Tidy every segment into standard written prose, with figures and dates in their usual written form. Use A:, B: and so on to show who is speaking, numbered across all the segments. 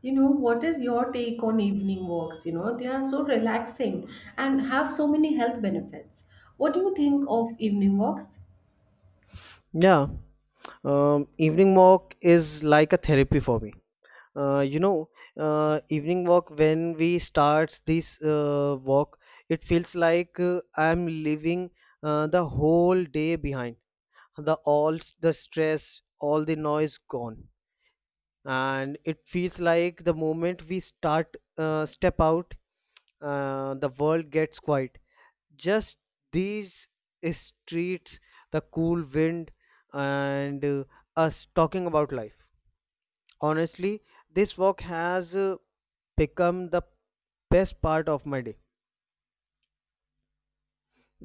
A: You know, what is your take on evening walks? You know, they are so relaxing and have so many health benefits. What do you think of evening walks?
B: Yeah, Evening walk is like a therapy for me. Uh, you know, Evening walk when we start this walk, it feels like I'm leaving the whole day behind. The stress, all the noise gone, and it feels like the moment we start step out, the world gets quiet, just these streets, the cool wind, and us talking about life. Honestly, this walk has become the best part of my day,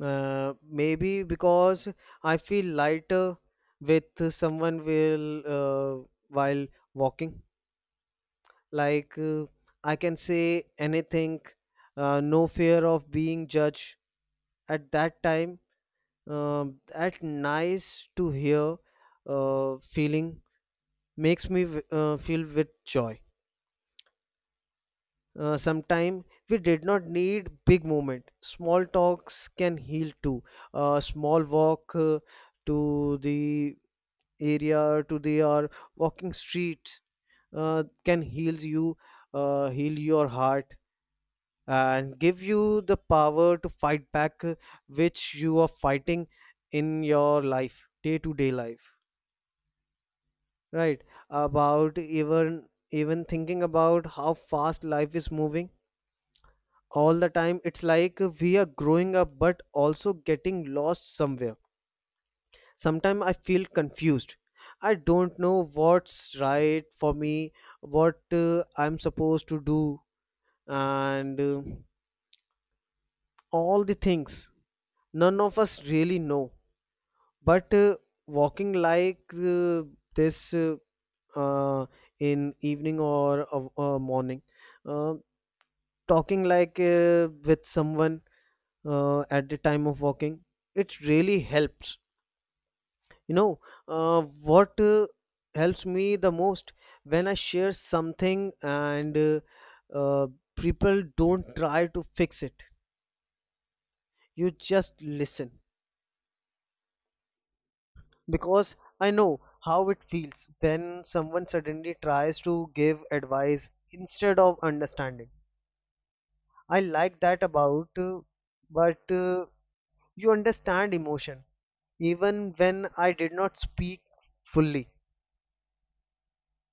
B: maybe because I feel lighter with someone will while walking. like uh, I can say anything, no fear of being judged. At that time, uh, that nice to hear feeling makes me feel with joy. Sometime we did not need big movement. Small talks can heal too. A small walk to the area, to the or walking streets can heal you, heal your heart, and give you the power to fight back, which you are fighting in your life, day to day life. Right, about even thinking about how fast life is moving all the time. It's like we are growing up but also getting lost somewhere. Sometimes I feel confused. I don't know what's right for me, what I'm supposed to do, and all the things, none of us really know. But Walking this uh, in evening or morning, uh, talking with someone at the time of walking, it really helps, you know. Uh, what helps me the most: when I share something and uh, people don't try to fix it, you just listen. Because I know how it feels when someone suddenly tries to give advice instead of understanding. I like that about but you understand emotion even when I did not speak fully.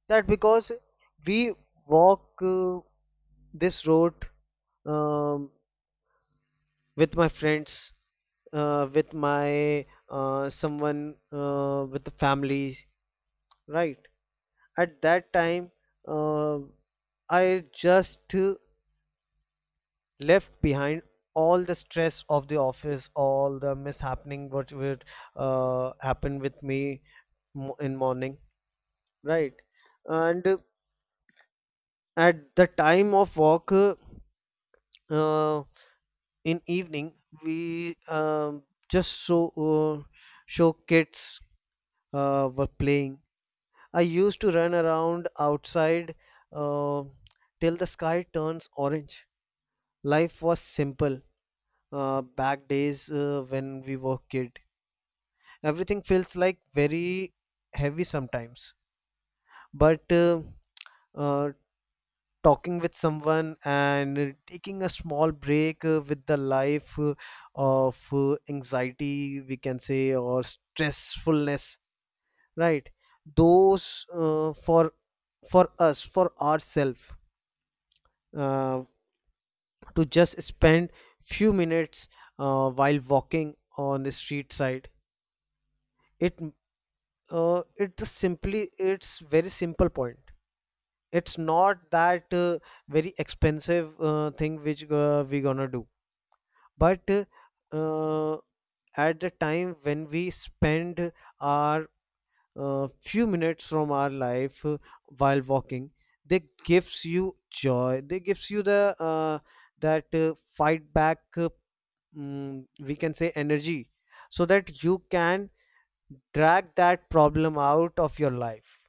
B: That because we walk this road, um, with my friends, with my someone, with the families, right? At that time, uh, I just left behind all the stress of the office, all the mishappening what would happen with me in morning, right? And at the time of walk uh, in evening, we just so show kids were playing. I used to run around outside uh, till the sky turns orange. Life was simple back days when we were kid. Everything feels like very heavy sometimes, but uh, talking with someone and taking a small break with the life of anxiety, we can say, or stressfulness, right? Those for us, for ourselves, uh, to just spend few minutes while walking on the street side. It it just simply it's very simple point. It's not that very expensive thing which we gonna do, but uh, at the time when we spend our few minutes from our life while walking, they gives you joy, they gives you the that fight back we can say energy, so that you can drag that problem out of your life.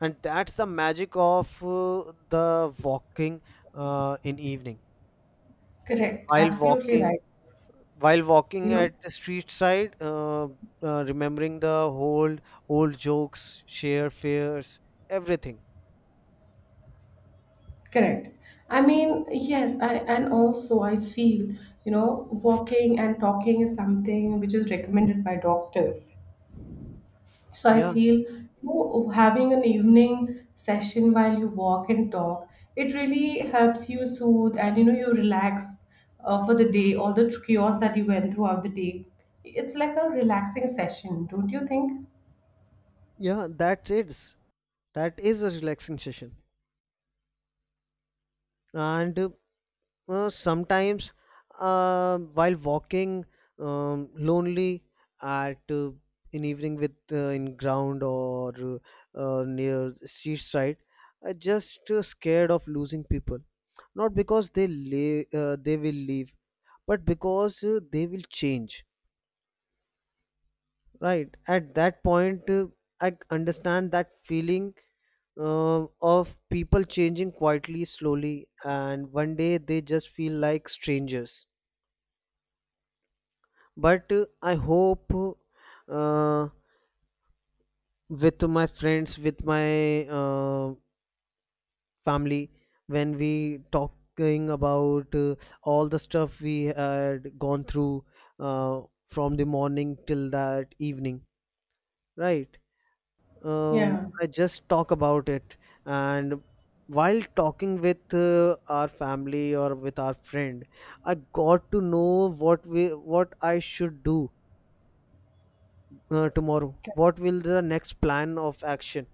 B: And that's the magic of the walking in evening.
A: Correct,
B: while
A: absolutely
B: walking
A: right.
B: while
A: You
B: walking
A: know,
B: at the street side, remembering the old old jokes, share fears, everything.
A: correct. Yes, I and also I feel, you know, walking and talking is something which is recommended by doctors. So I
B: Yeah,
A: feel, you know, having an evening session while you walk and talk, it really helps you soothe, and you know, you relax for the day, all the chaos that you went throughout the day. It's like a relaxing session, don't you think?
B: yeah, that's it. That is a relaxing session. And sometimes, while walking lonely at in evening with in ground or near street side, I just scared of losing people. Not because they lay, they will leave, but because they will change, right? At that point I understand that feeling uh, of people changing quietly slowly, and one day they just feel like strangers. But I hope uh, with my friends, with my uh, family, when we talking about all the stuff we had gone through uh, from the morning till that evening, right?
A: Yeah,
B: I just talk about it, and while talking with our family or with our friend, I got to know what I should do tomorrow.
A: c-
B: What will the next plan of action?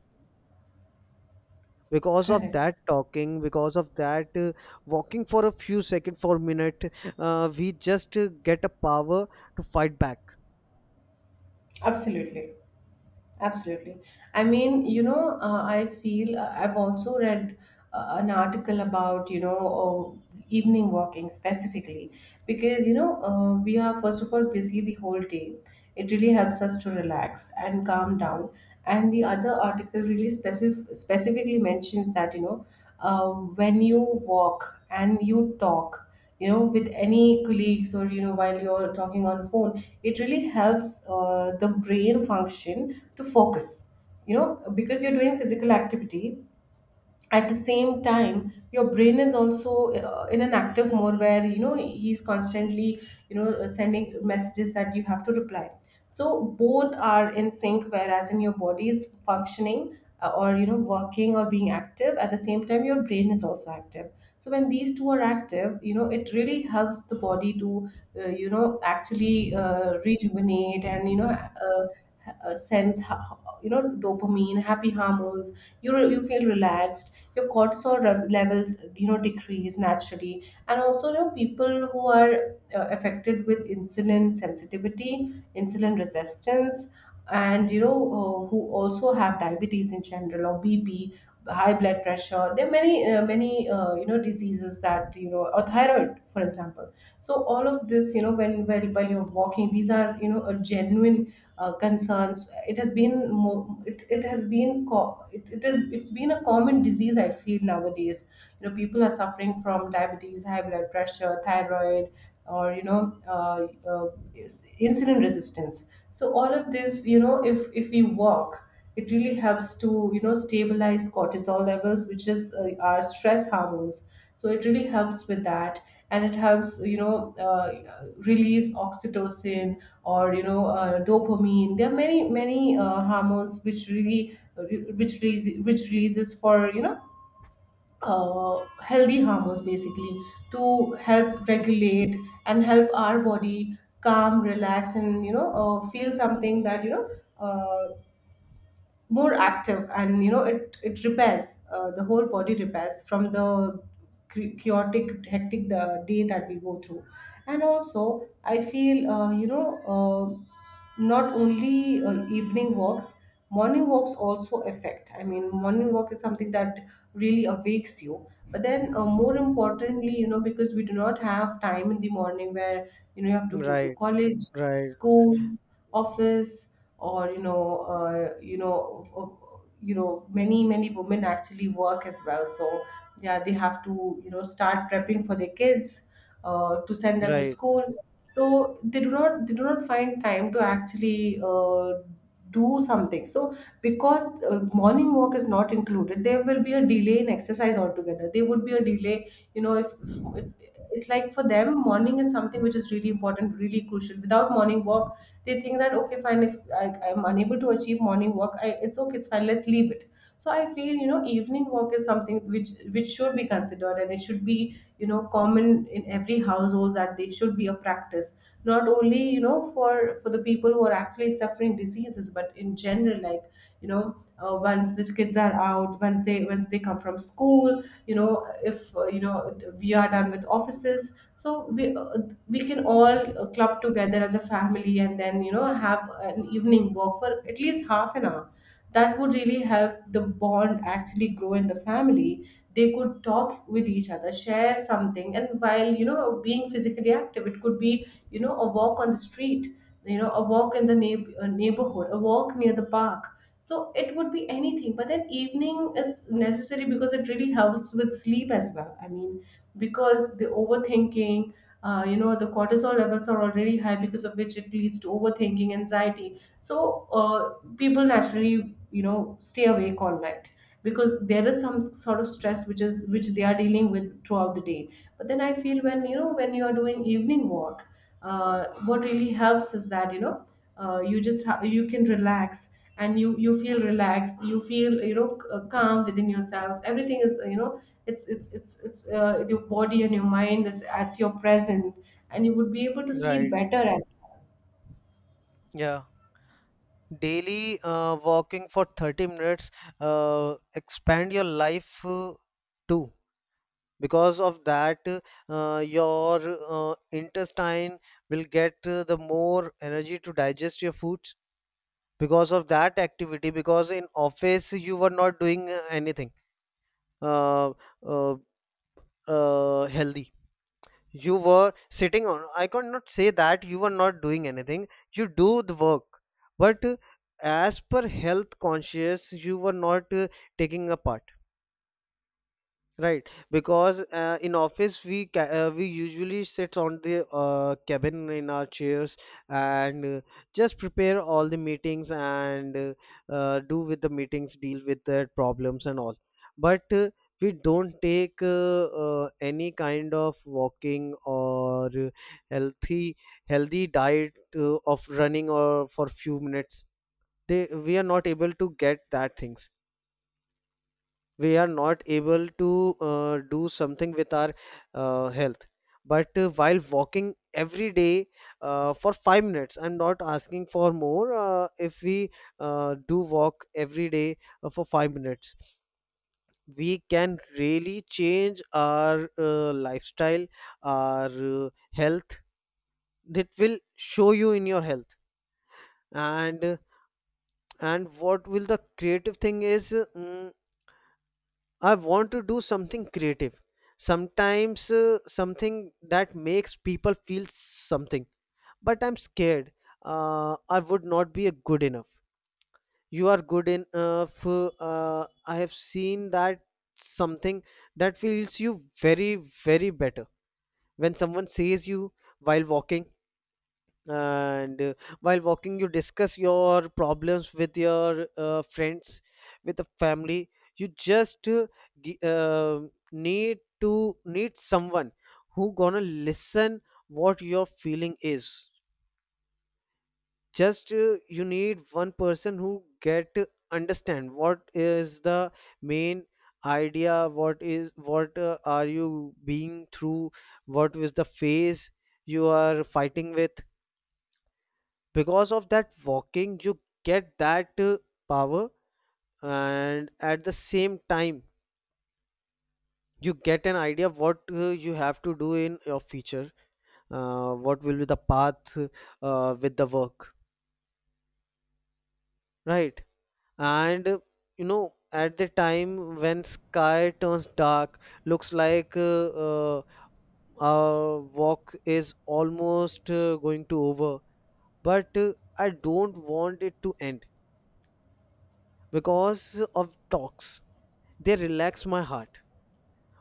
B: Because of
A: correct.
B: that talking, because of that walking for a few seconds, for a minute, we just get a power to fight back.
A: Absolutely. Absolutely. I feel I've also read an article about, you know, evening walking specifically because, you know, we are first of all busy the whole day. It really helps us to relax and calm down. And the other article really specifically mentions that, you know, when you walk and you talk, you know, with any colleagues, or you know, while you're talking on phone, it really helps the brain function to focus, you know, because you're doing physical activity. At the same time your brain is also in an active mode where, you know, he's constantly, you know, sending messages that you have to reply, so both are in sync. Whereas in your body is functioning or, you know, working or being active, at the same time your brain is also active. So when these two are active, you know, it really helps the body to you know, actually rejuvenate and, you know, sense how, you know, dopamine, happy hormones, you you feel relaxed, your cortisol levels, you know, decrease naturally. And also, you know, people who are affected with insulin sensitivity, insulin resistance, and, you know, who also have diabetes in general, or BP, high blood pressure. There are many many, you know, diseases that, you know, or thyroid for example. So all of this, you know, when while you're walking, these are, you know, a genuine concerns. it, has been more, it has been co- it is, it's been a common disease, I feel, nowadays. You know, people are suffering from diabetes, high blood pressure, thyroid, or, you know, uh, uh, insulin resistance. So all of this, you know, if we walk, it really helps to, you know, stabilize cortisol levels, which is our stress hormones. So it really helps with that. And it helps, you know, release oxytocin, or, you know, dopamine. There are many, hormones which really which releases for, you know, uh, healthy hormones basically, to help regulate and help our body calm, relax, and, you know, feel something that, you know, uh, more active. And, you know, it repairs the whole body, repairs from the chaotic, hectic the day that we go through. And also I feel, you know, not only evening walks, morning walks also affect. I mean, morning walk is something that really awakes you. But then, more importantly, you know, because we do not have time in the morning, where, you know, you have to go to
B: Right,
A: college,
B: right,
A: school, office, or, you know, you know, many many women actually work as well. So yeah, they have to, you know, start prepping for their kids to send them to
B: right,
A: school. So they do not, they do not find time to actually do something. So because morning walk is not included, there will be a delay in exercise altogether. There would be a delay, you know, if it's, it's like for them morning is something which is really important, really crucial. Without morning walk, they think that okay fine, if I'm unable to achieve morning work, it's okay, it's fine, let's leave it. So I feel, you know, evening work is something which should be considered, and it should be, you know, common in every household, that they should be a practice, not only, you know, for the people who are actually suffering diseases, but in general, like, you know, once these kids are out, when they come from school, you know, if you know, we are done with offices, so we can all club together as a family, and then, you know, have an evening walk for at least half an hour. That would really help the bond actually grow in the family. They could talk with each other, share something, and while, you know, being physically active. It could be, you know, a walk on the street, you know, a walk in the neighborhood, a walk near the park. So it would be anything, but then evening is necessary because it really helps with sleep as well. I mean, because the overthinking, you know, the cortisol levels are already high, because of which it leads to overthinking, anxiety. So people naturally, you know, stay awake all night, because there is some sort of stress which is, which they are dealing with throughout the day. But then I feel, when you know, when you are doing evening walk, what really helps is that, you know, you just you can relax. And you feel relaxed, you feel, you know, calm within yourselves. Everything is, you know, it's your body and your mind is at your present, and you would be able to sleep
B: right.
A: better as.
B: Yeah. Daily walking for 30 minutes expand your life too. Because of that, your intestine will get the more energy to digest your foods because of that activity. Because in office you were not doing anything uh, uh, healthy. You were sitting on. I could not say that you were not doing anything. You do the work, but as per health conscious you were not taking a part. Right, because in office we usually sit on the cabin in our chairs and just prepare all the meetings and do with the meetings, deal with the problems and all. But we don't take any kind of walking or healthy healthy diet of running or for few minutes. They, we are not able to get that things, we are not able to do something with our health. But While walking every day for 5 minutes, I'm not asking for more. If we do walk every day for 5 minutes, we can really change our lifestyle, our health. That will show you in your health. And uh, and what will the creative thing is? I want to do something creative. Sometimes something that makes people feel something. But I'm scared. I would not be a good enough. You are good enough. I have seen that something that feels you very, very better. When someone says you while walking, and while walking you discuss your problems with your friends, with the family, you just gi- uh, need to need someone who gonna listen what your feeling is. Just you need one person who get to understand what is the main idea, what is what are you being through, what is the phase you are fighting with. Because of that walking, you get that power, and at the same time you get an idea what you have to do in your future, what will be the path with the work, right? And you know, at the time when sky turns dark, looks like our walk is almost going to over, but I don't want it to end, because of talks, they relax my heart.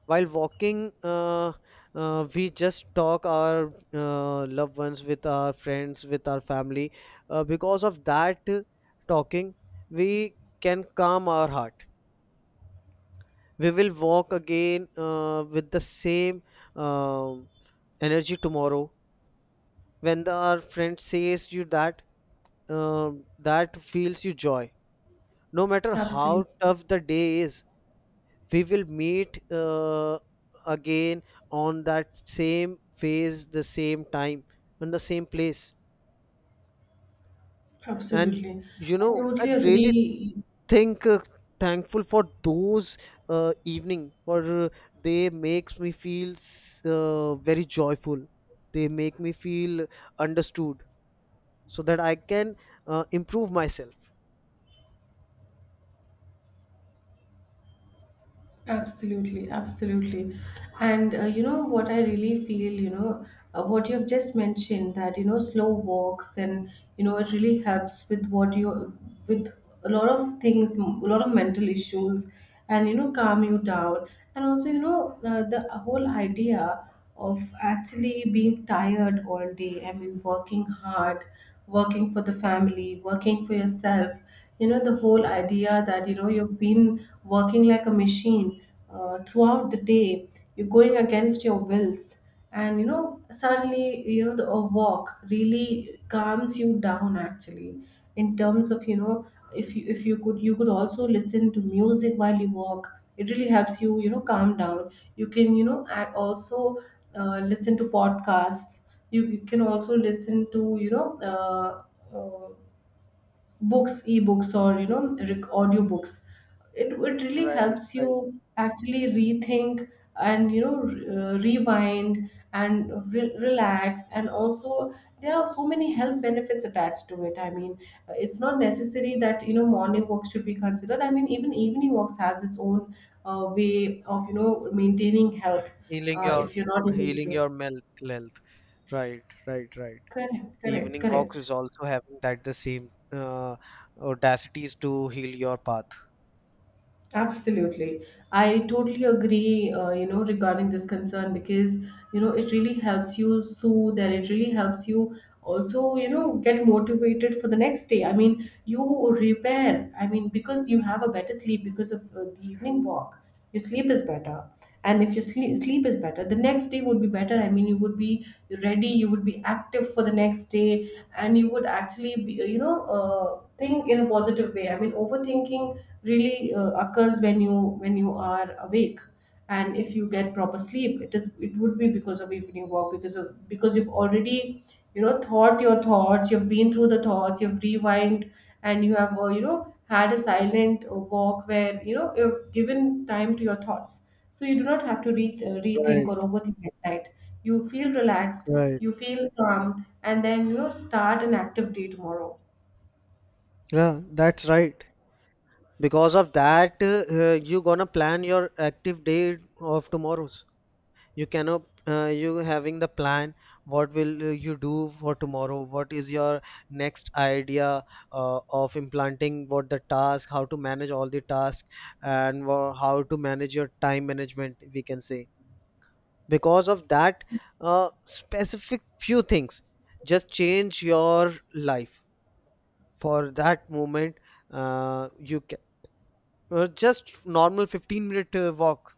B: While walking we just talk our loved ones, with our friends, with our family, because of that talking we can calm our heart. We will walk again with the same um energy tomorrow, when the, our friend says you that um that feels you joy. No matter how
A: Absolutely,
B: tough the day is, we will meet again on that same phase, the same time, and the same place. And
A: absolutely.
B: you
A: I
B: know, I
A: totally
B: really
A: agree.
B: think thankful for those evening for uh, they makes me feel very joyful. They make me feel understood so that I can improve myself.
A: Absolutely, absolutely. And, you know what I really feel, you know, what you've just mentioned, that, you know, slow walks, and, you know, it really helps with with a lot of things, a lot of mental issues, and, you know, calm you down. And also, you know, the whole idea of actually being tired all day. I mean, working hard, working for the family, working for yourself. You know, the whole idea that, you know, you've been working like a machine throughout the day, you're going against your wills. And, you know, suddenly, you know, a walk really calms you down, actually. In terms of, you know, if you could, you could also listen to music while you walk. It really helps you, you know, calm down. You can, you know, also listen to podcasts. You can also listen to, you know, books, ebooks, or, you know, audio books. It really
B: Right,
A: helps you
B: right,
A: actually rethink, and, you know, rewind and relax. And also there are so many health benefits attached to it. I mean, it's not necessary that, you know, morning walks should be considered. I mean, even evening walks has its own way of, you know, maintaining health.
B: healing your
A: If you're not able to
B: healing
A: do.
B: your mental health, right, right, right.
A: Correct, correct,
B: Evening walks
A: correct.
B: is also having that the same audacities to heal your path.
A: Absolutely. I totally agree, you know, regarding this concern, because, you know, it really helps you soothe, and it really helps you also, you know, get motivated for the next day. I mean, you repair. I mean, because you have a better sleep because of the evening walk, your sleep is better. And if your sleep is better, the next day would be better. I mean, you would be ready, you would be active for the next day, and you would actually be, you know, think in a positive way. I mean, overthinking really occurs when you are awake. And if you get proper sleep, it is, it would be because of evening walk, because of, because you've already, you know, thought your thoughts, you've been through the thoughts, you've rewind, and you have, you know, had a silent walk where, you know, you've given time to your thoughts. So you do not have to rethink
B: Right,
A: or overthink at night. You feel relaxed,
B: right.
A: you feel calm, and then, you know, start an active day tomorrow.
B: Yeah, that's right. Because of that, you gonna plan your active day of tomorrow's. You cannot, you having the plan. What will you do for tomorrow? What is your next idea of implanting? What the task? How to manage all the tasks, and how to manage your time management? We can say. Because of that specific few things just change your life for that moment. You can just normal 15 minute walk,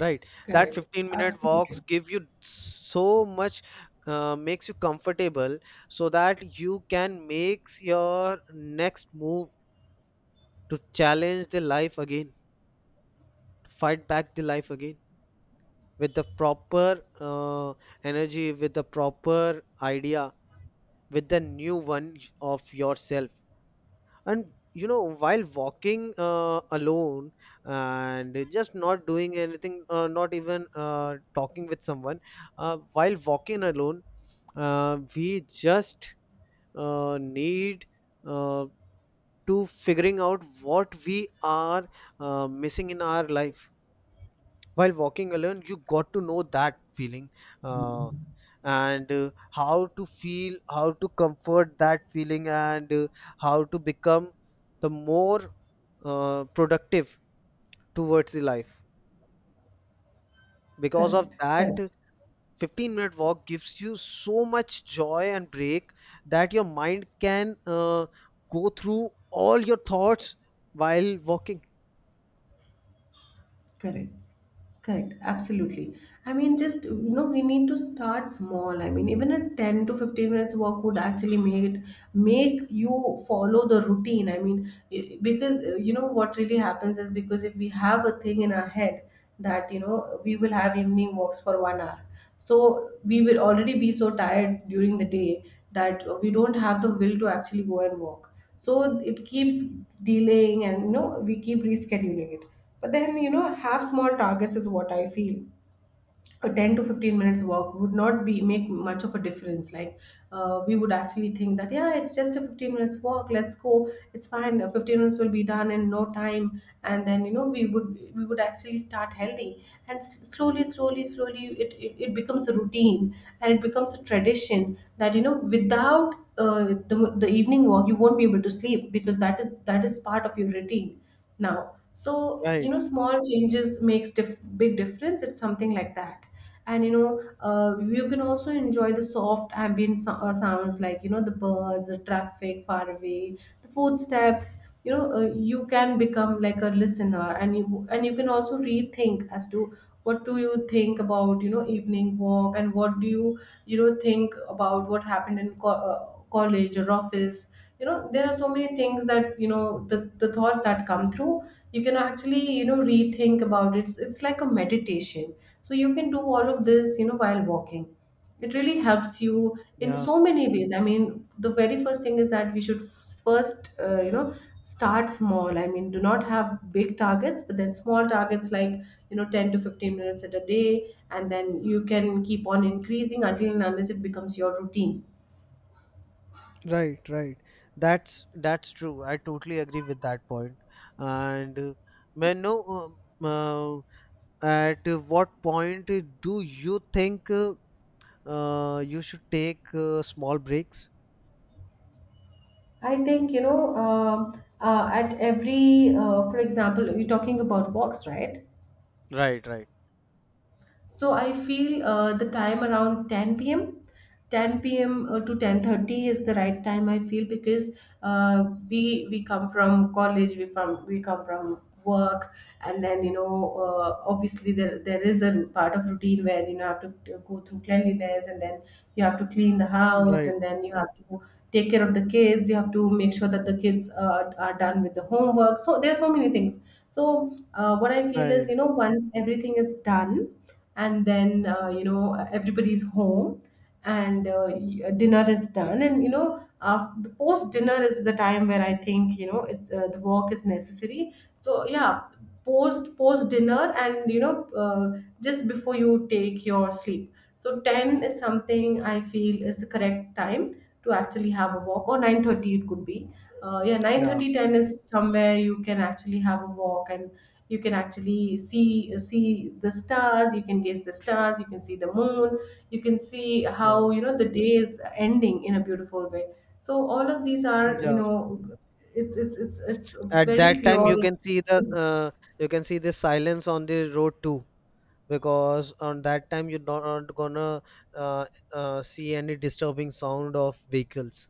B: right? That
A: Correct.
B: 15-minute walks
A: Absolutely.
B: give you so much, makes you comfortable, so that you can make your next move to challenge the life again, to fight back the life again with the proper energy, with the proper idea, with the new one of yourself. And you know, while walking alone and just not doing anything, not even talking with someone, while walking alone, we just need uh, to figuring out what we are missing in our life. While walking alone, you got to know that feeling, uh, and how to feel, how to comfort that feeling, and how to become the more productive towards the life. Because of
A: Correct.
B: that,
A: Correct.
B: 15-minute walk gives you so much joy and break, that your mind can go through all your thoughts while walking,
A: Correct. Correct. Absolutely. I mean, just, you know, we need to start small. I mean, even a 10 to 15 minutes walk would actually make you follow the routine. I mean, because, you know, what really happens is, because if we have a thing in our head that, you know, we will have evening walks for 1 hour. So we will already be so tired during the day that we don't have the will to actually go and walk, so it keeps delaying, and you know, we keep rescheduling it. But then, you know, have small targets is what I feel. A 10 to 15 minutes walk would not be, make much of a difference. Like, we would actually think that yeah, it's just a 15 minutes walk, let's go, it's fine. 15 minutes will be done in no time, and then you know, we would actually start healthy, and slowly slowly slowly it becomes a routine. And it becomes a tradition that, you know, without the evening walk you won't be able to sleep because that is part of your routine now. So you
B: right?
A: know, small changes makes big difference. It's something like that. And you know, you can also enjoy the soft ambient sounds, like you know, the birds, the traffic far away, the footsteps. You know, you can become like a listener, and you can also rethink as to what do you think about, you know, evening walk, and what do you, you know, think about what happened in college or office. You know, there are so many things, that you know, the thoughts that come through, you can actually, you know, rethink about it. It's like a meditation. So you can do all of this, you know, while walking. It really helps you in
B: Yeah,
A: so many ways. I mean, the very first thing is that we should first, you know, start small. I mean, do not have big targets, but then small targets like, you know, 10 to 15 minutes at a day, and then you can keep on increasing until and unless it becomes your routine.
B: right, right. That's true, I totally agree with that point point. And may I know uh, at what point do you think you should take small breaks?
A: I think, you know, at every, for example, you're talking about walks, right?
B: Right, right.
A: So I feel, the time around 10 p.m. 10 p.m. to 10:30 is the right time I feel, because uh, we come from college, we come from work, and then you know, obviously there is a part of routine where, you know, have to go through cleanliness, and then you have to clean the house,
B: Right,
A: and then you have to take care of the kids. You have to make sure that the kids are done with the homework. So there are so many things. So what I feel is,
B: right.
A: you know, once everything is done, and then, you know, everybody's home, and dinner is done. And you know, after, post dinner is the time where I think, you know, it's, the work is necessary. So yeah, post dinner, and you know, just before you take your sleep. So 10 is something I feel is the correct time to actually have a walk, or 9:30 it could be. Yeah, nine
B: Yeah,
A: thirty ten is somewhere you can actually have a walk. And you can actually see the stars. You can gaze the stars. You can see the moon. You can see
B: yeah,
A: how, you know, the day is ending in a beautiful way. So all of these are, you
B: yeah.
A: know, it's
B: At
A: very
B: that time,
A: pure.
B: you can see the you can see the silence on the road too, because on that time you're not gonna uh, see any disturbing sound of vehicles.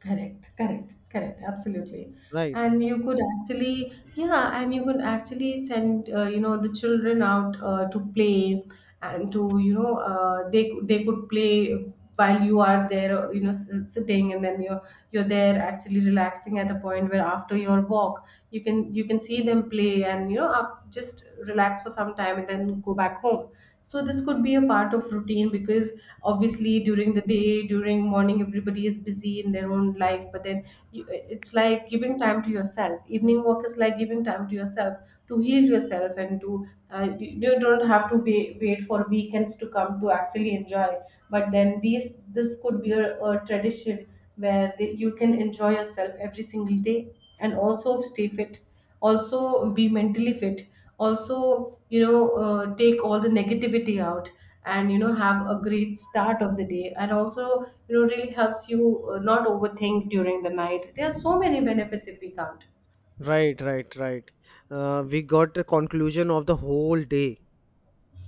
A: Correct, correct, correct, absolutely.
B: Right,
A: And you could actually, yeah, and you could actually send, you know, the children out, to play, and to, you know, they could play while you are there, you know, sitting, and then you're there actually relaxing at a point where, after your walk, you can see them play, and you know, up, just relax for some time and then go back home. So this could be a part of routine, because obviously during the day, during morning, everybody is busy in their own life. But then you, it's like giving time to yourself. Evening work is like giving time to yourself, to heal yourself, and to, you don't have to wait for weekends to come to actually enjoy. But then these this could be a tradition where you can enjoy yourself every single day, and also stay fit, also be mentally fit, also you know, take all the negativity out, and you know, have a great start of the day, and also you know, really helps you, not overthink during the night. There are so many benefits if we count.
B: right, right, right. We got the conclusion of the whole day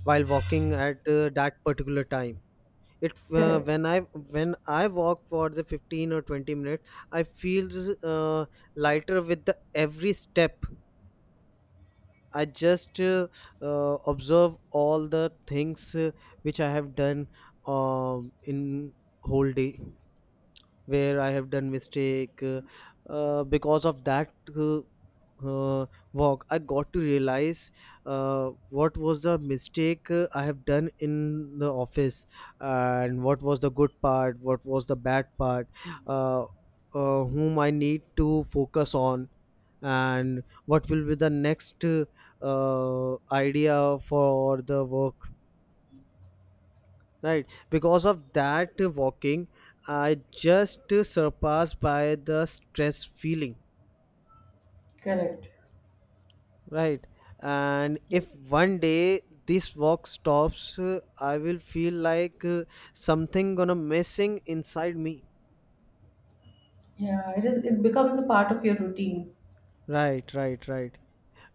B: while walking at that particular time. It
A: Correct.
B: When I walk for the 15 or 20 minutes, I feel uh, lighter with the every step. I just observe all the things which I have done in whole day, where I have done mistake. Because of that uh, walk, I got to realize what was the mistake I have done in the office, and what was the good part, what was the bad part, uh, whom I need to focus on, and what will be the next idea for the work, right? Because of that walking, I just surpassed by the stress feeling,
A: Correct.
B: right? And if one day this walk stops, I will feel like something gonna missing inside me,
A: Yeah, it becomes a part of your routine.
B: right, right, right.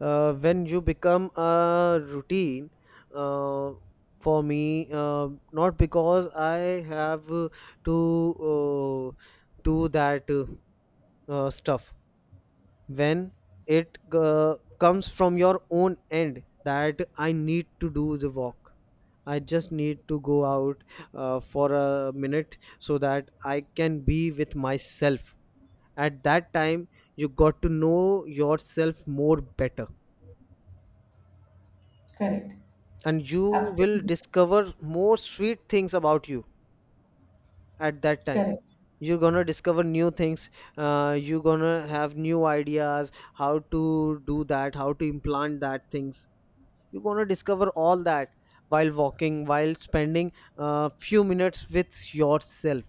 B: When you become a routine uh, for me, uh, not because I have to uh, do that stuff, when it comes from your own end that I need to do the walk, I just need to go out for a minute, so that I can be with myself. At that time, you got to know yourself more better,
A: Correct.
B: and you will
A: Absolutely.
B: discover more sweet things about you. At that time,
A: Correct.
B: you're gonna discover new things, you're gonna have new ideas how to do that, how to implant that things. You're going to discover all that while walking, while spending a few minutes with yourself.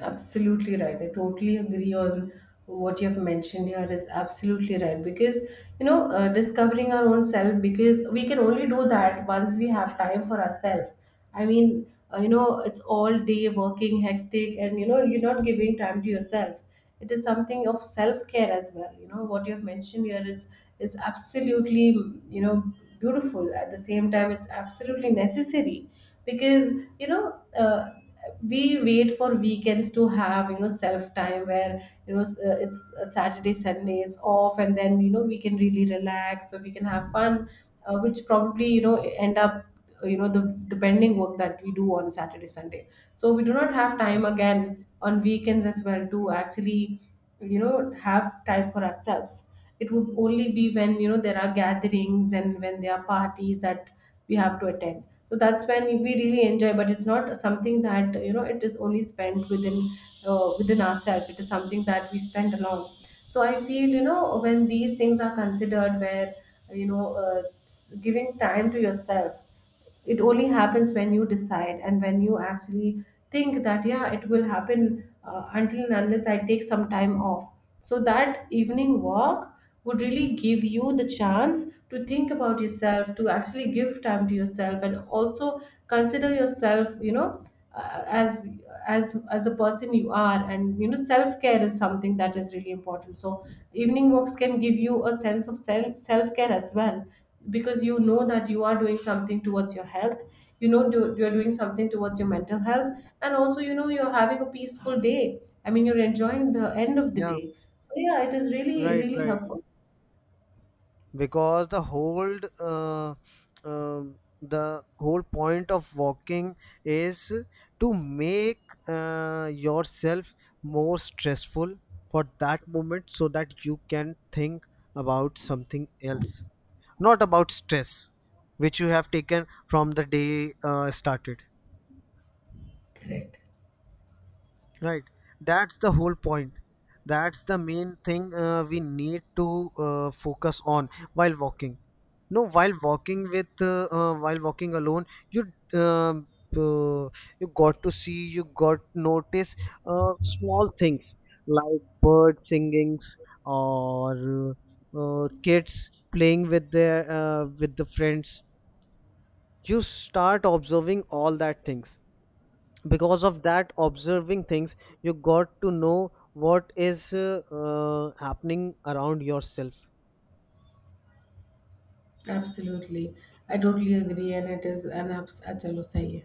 A: Absolutely right. I totally agree on what you have mentioned here is absolutely right, because you know, discovering our own self, because we can only do that once we have time for ourselves. I mean, you know, it's all day working, hectic, and you know, you're not giving time to yourself. It is something of self care as well. You know what you have mentioned here is absolutely, you know, beautiful. At the same time, it's absolutely necessary, because you know. We wait for weekends to have, you know, self time where you know, it's Saturday Sunday is off, and then you know, we can really relax, so we can have fun. Which probably, you know, end up, you know, the pending work that we do on Saturday Sunday. So we do not have
B: Yeah,
A: time again on weekends as well to actually, you know, have time for ourselves. It would only be when, you know, there are gatherings and when there are parties that we have to attend, so that's when we really enjoy. But it's not something that, you know, it is only spent within, within ourselves. It is something that we spend alone. So I feel, you know, when these things are considered, where, you know, giving time to yourself, it only happens when you decide and when you actually think that yeah, it will happen, until and unless I take some time off. So that evening walk would really give you the chance to think about yourself, to actually give time to yourself, and also consider yourself, you know, uh, as as a person you are. And you know, self care is something that is really important. So evening walks can give you a sense of self care as well. Because you know that you are doing something towards your health. You know, you're doing something towards your mental health. And also you know, you're having a peaceful day. I mean, you're enjoying the end of the
B: yeah,
A: day. So yeah, it is really
B: right,
A: really
B: right.
A: helpful.
B: Because uh, um, the whole point of walking is to make yourself more stressful for that moment, so that you can think about something else, not about stress which you have taken from the day started.
A: Correct.
B: Right. That's the whole point. That's the main thing we need to focus on while walking. No, while walking with while walking alone, you um, uh, you got to see, you got notice small things like bird singings or kids playing with their with the friends. You start observing all that things. Because of that observing things, you got to know what is happening around yourself.
A: Absolutely. I totally agree, and it is an abs. अच्छा लो सही है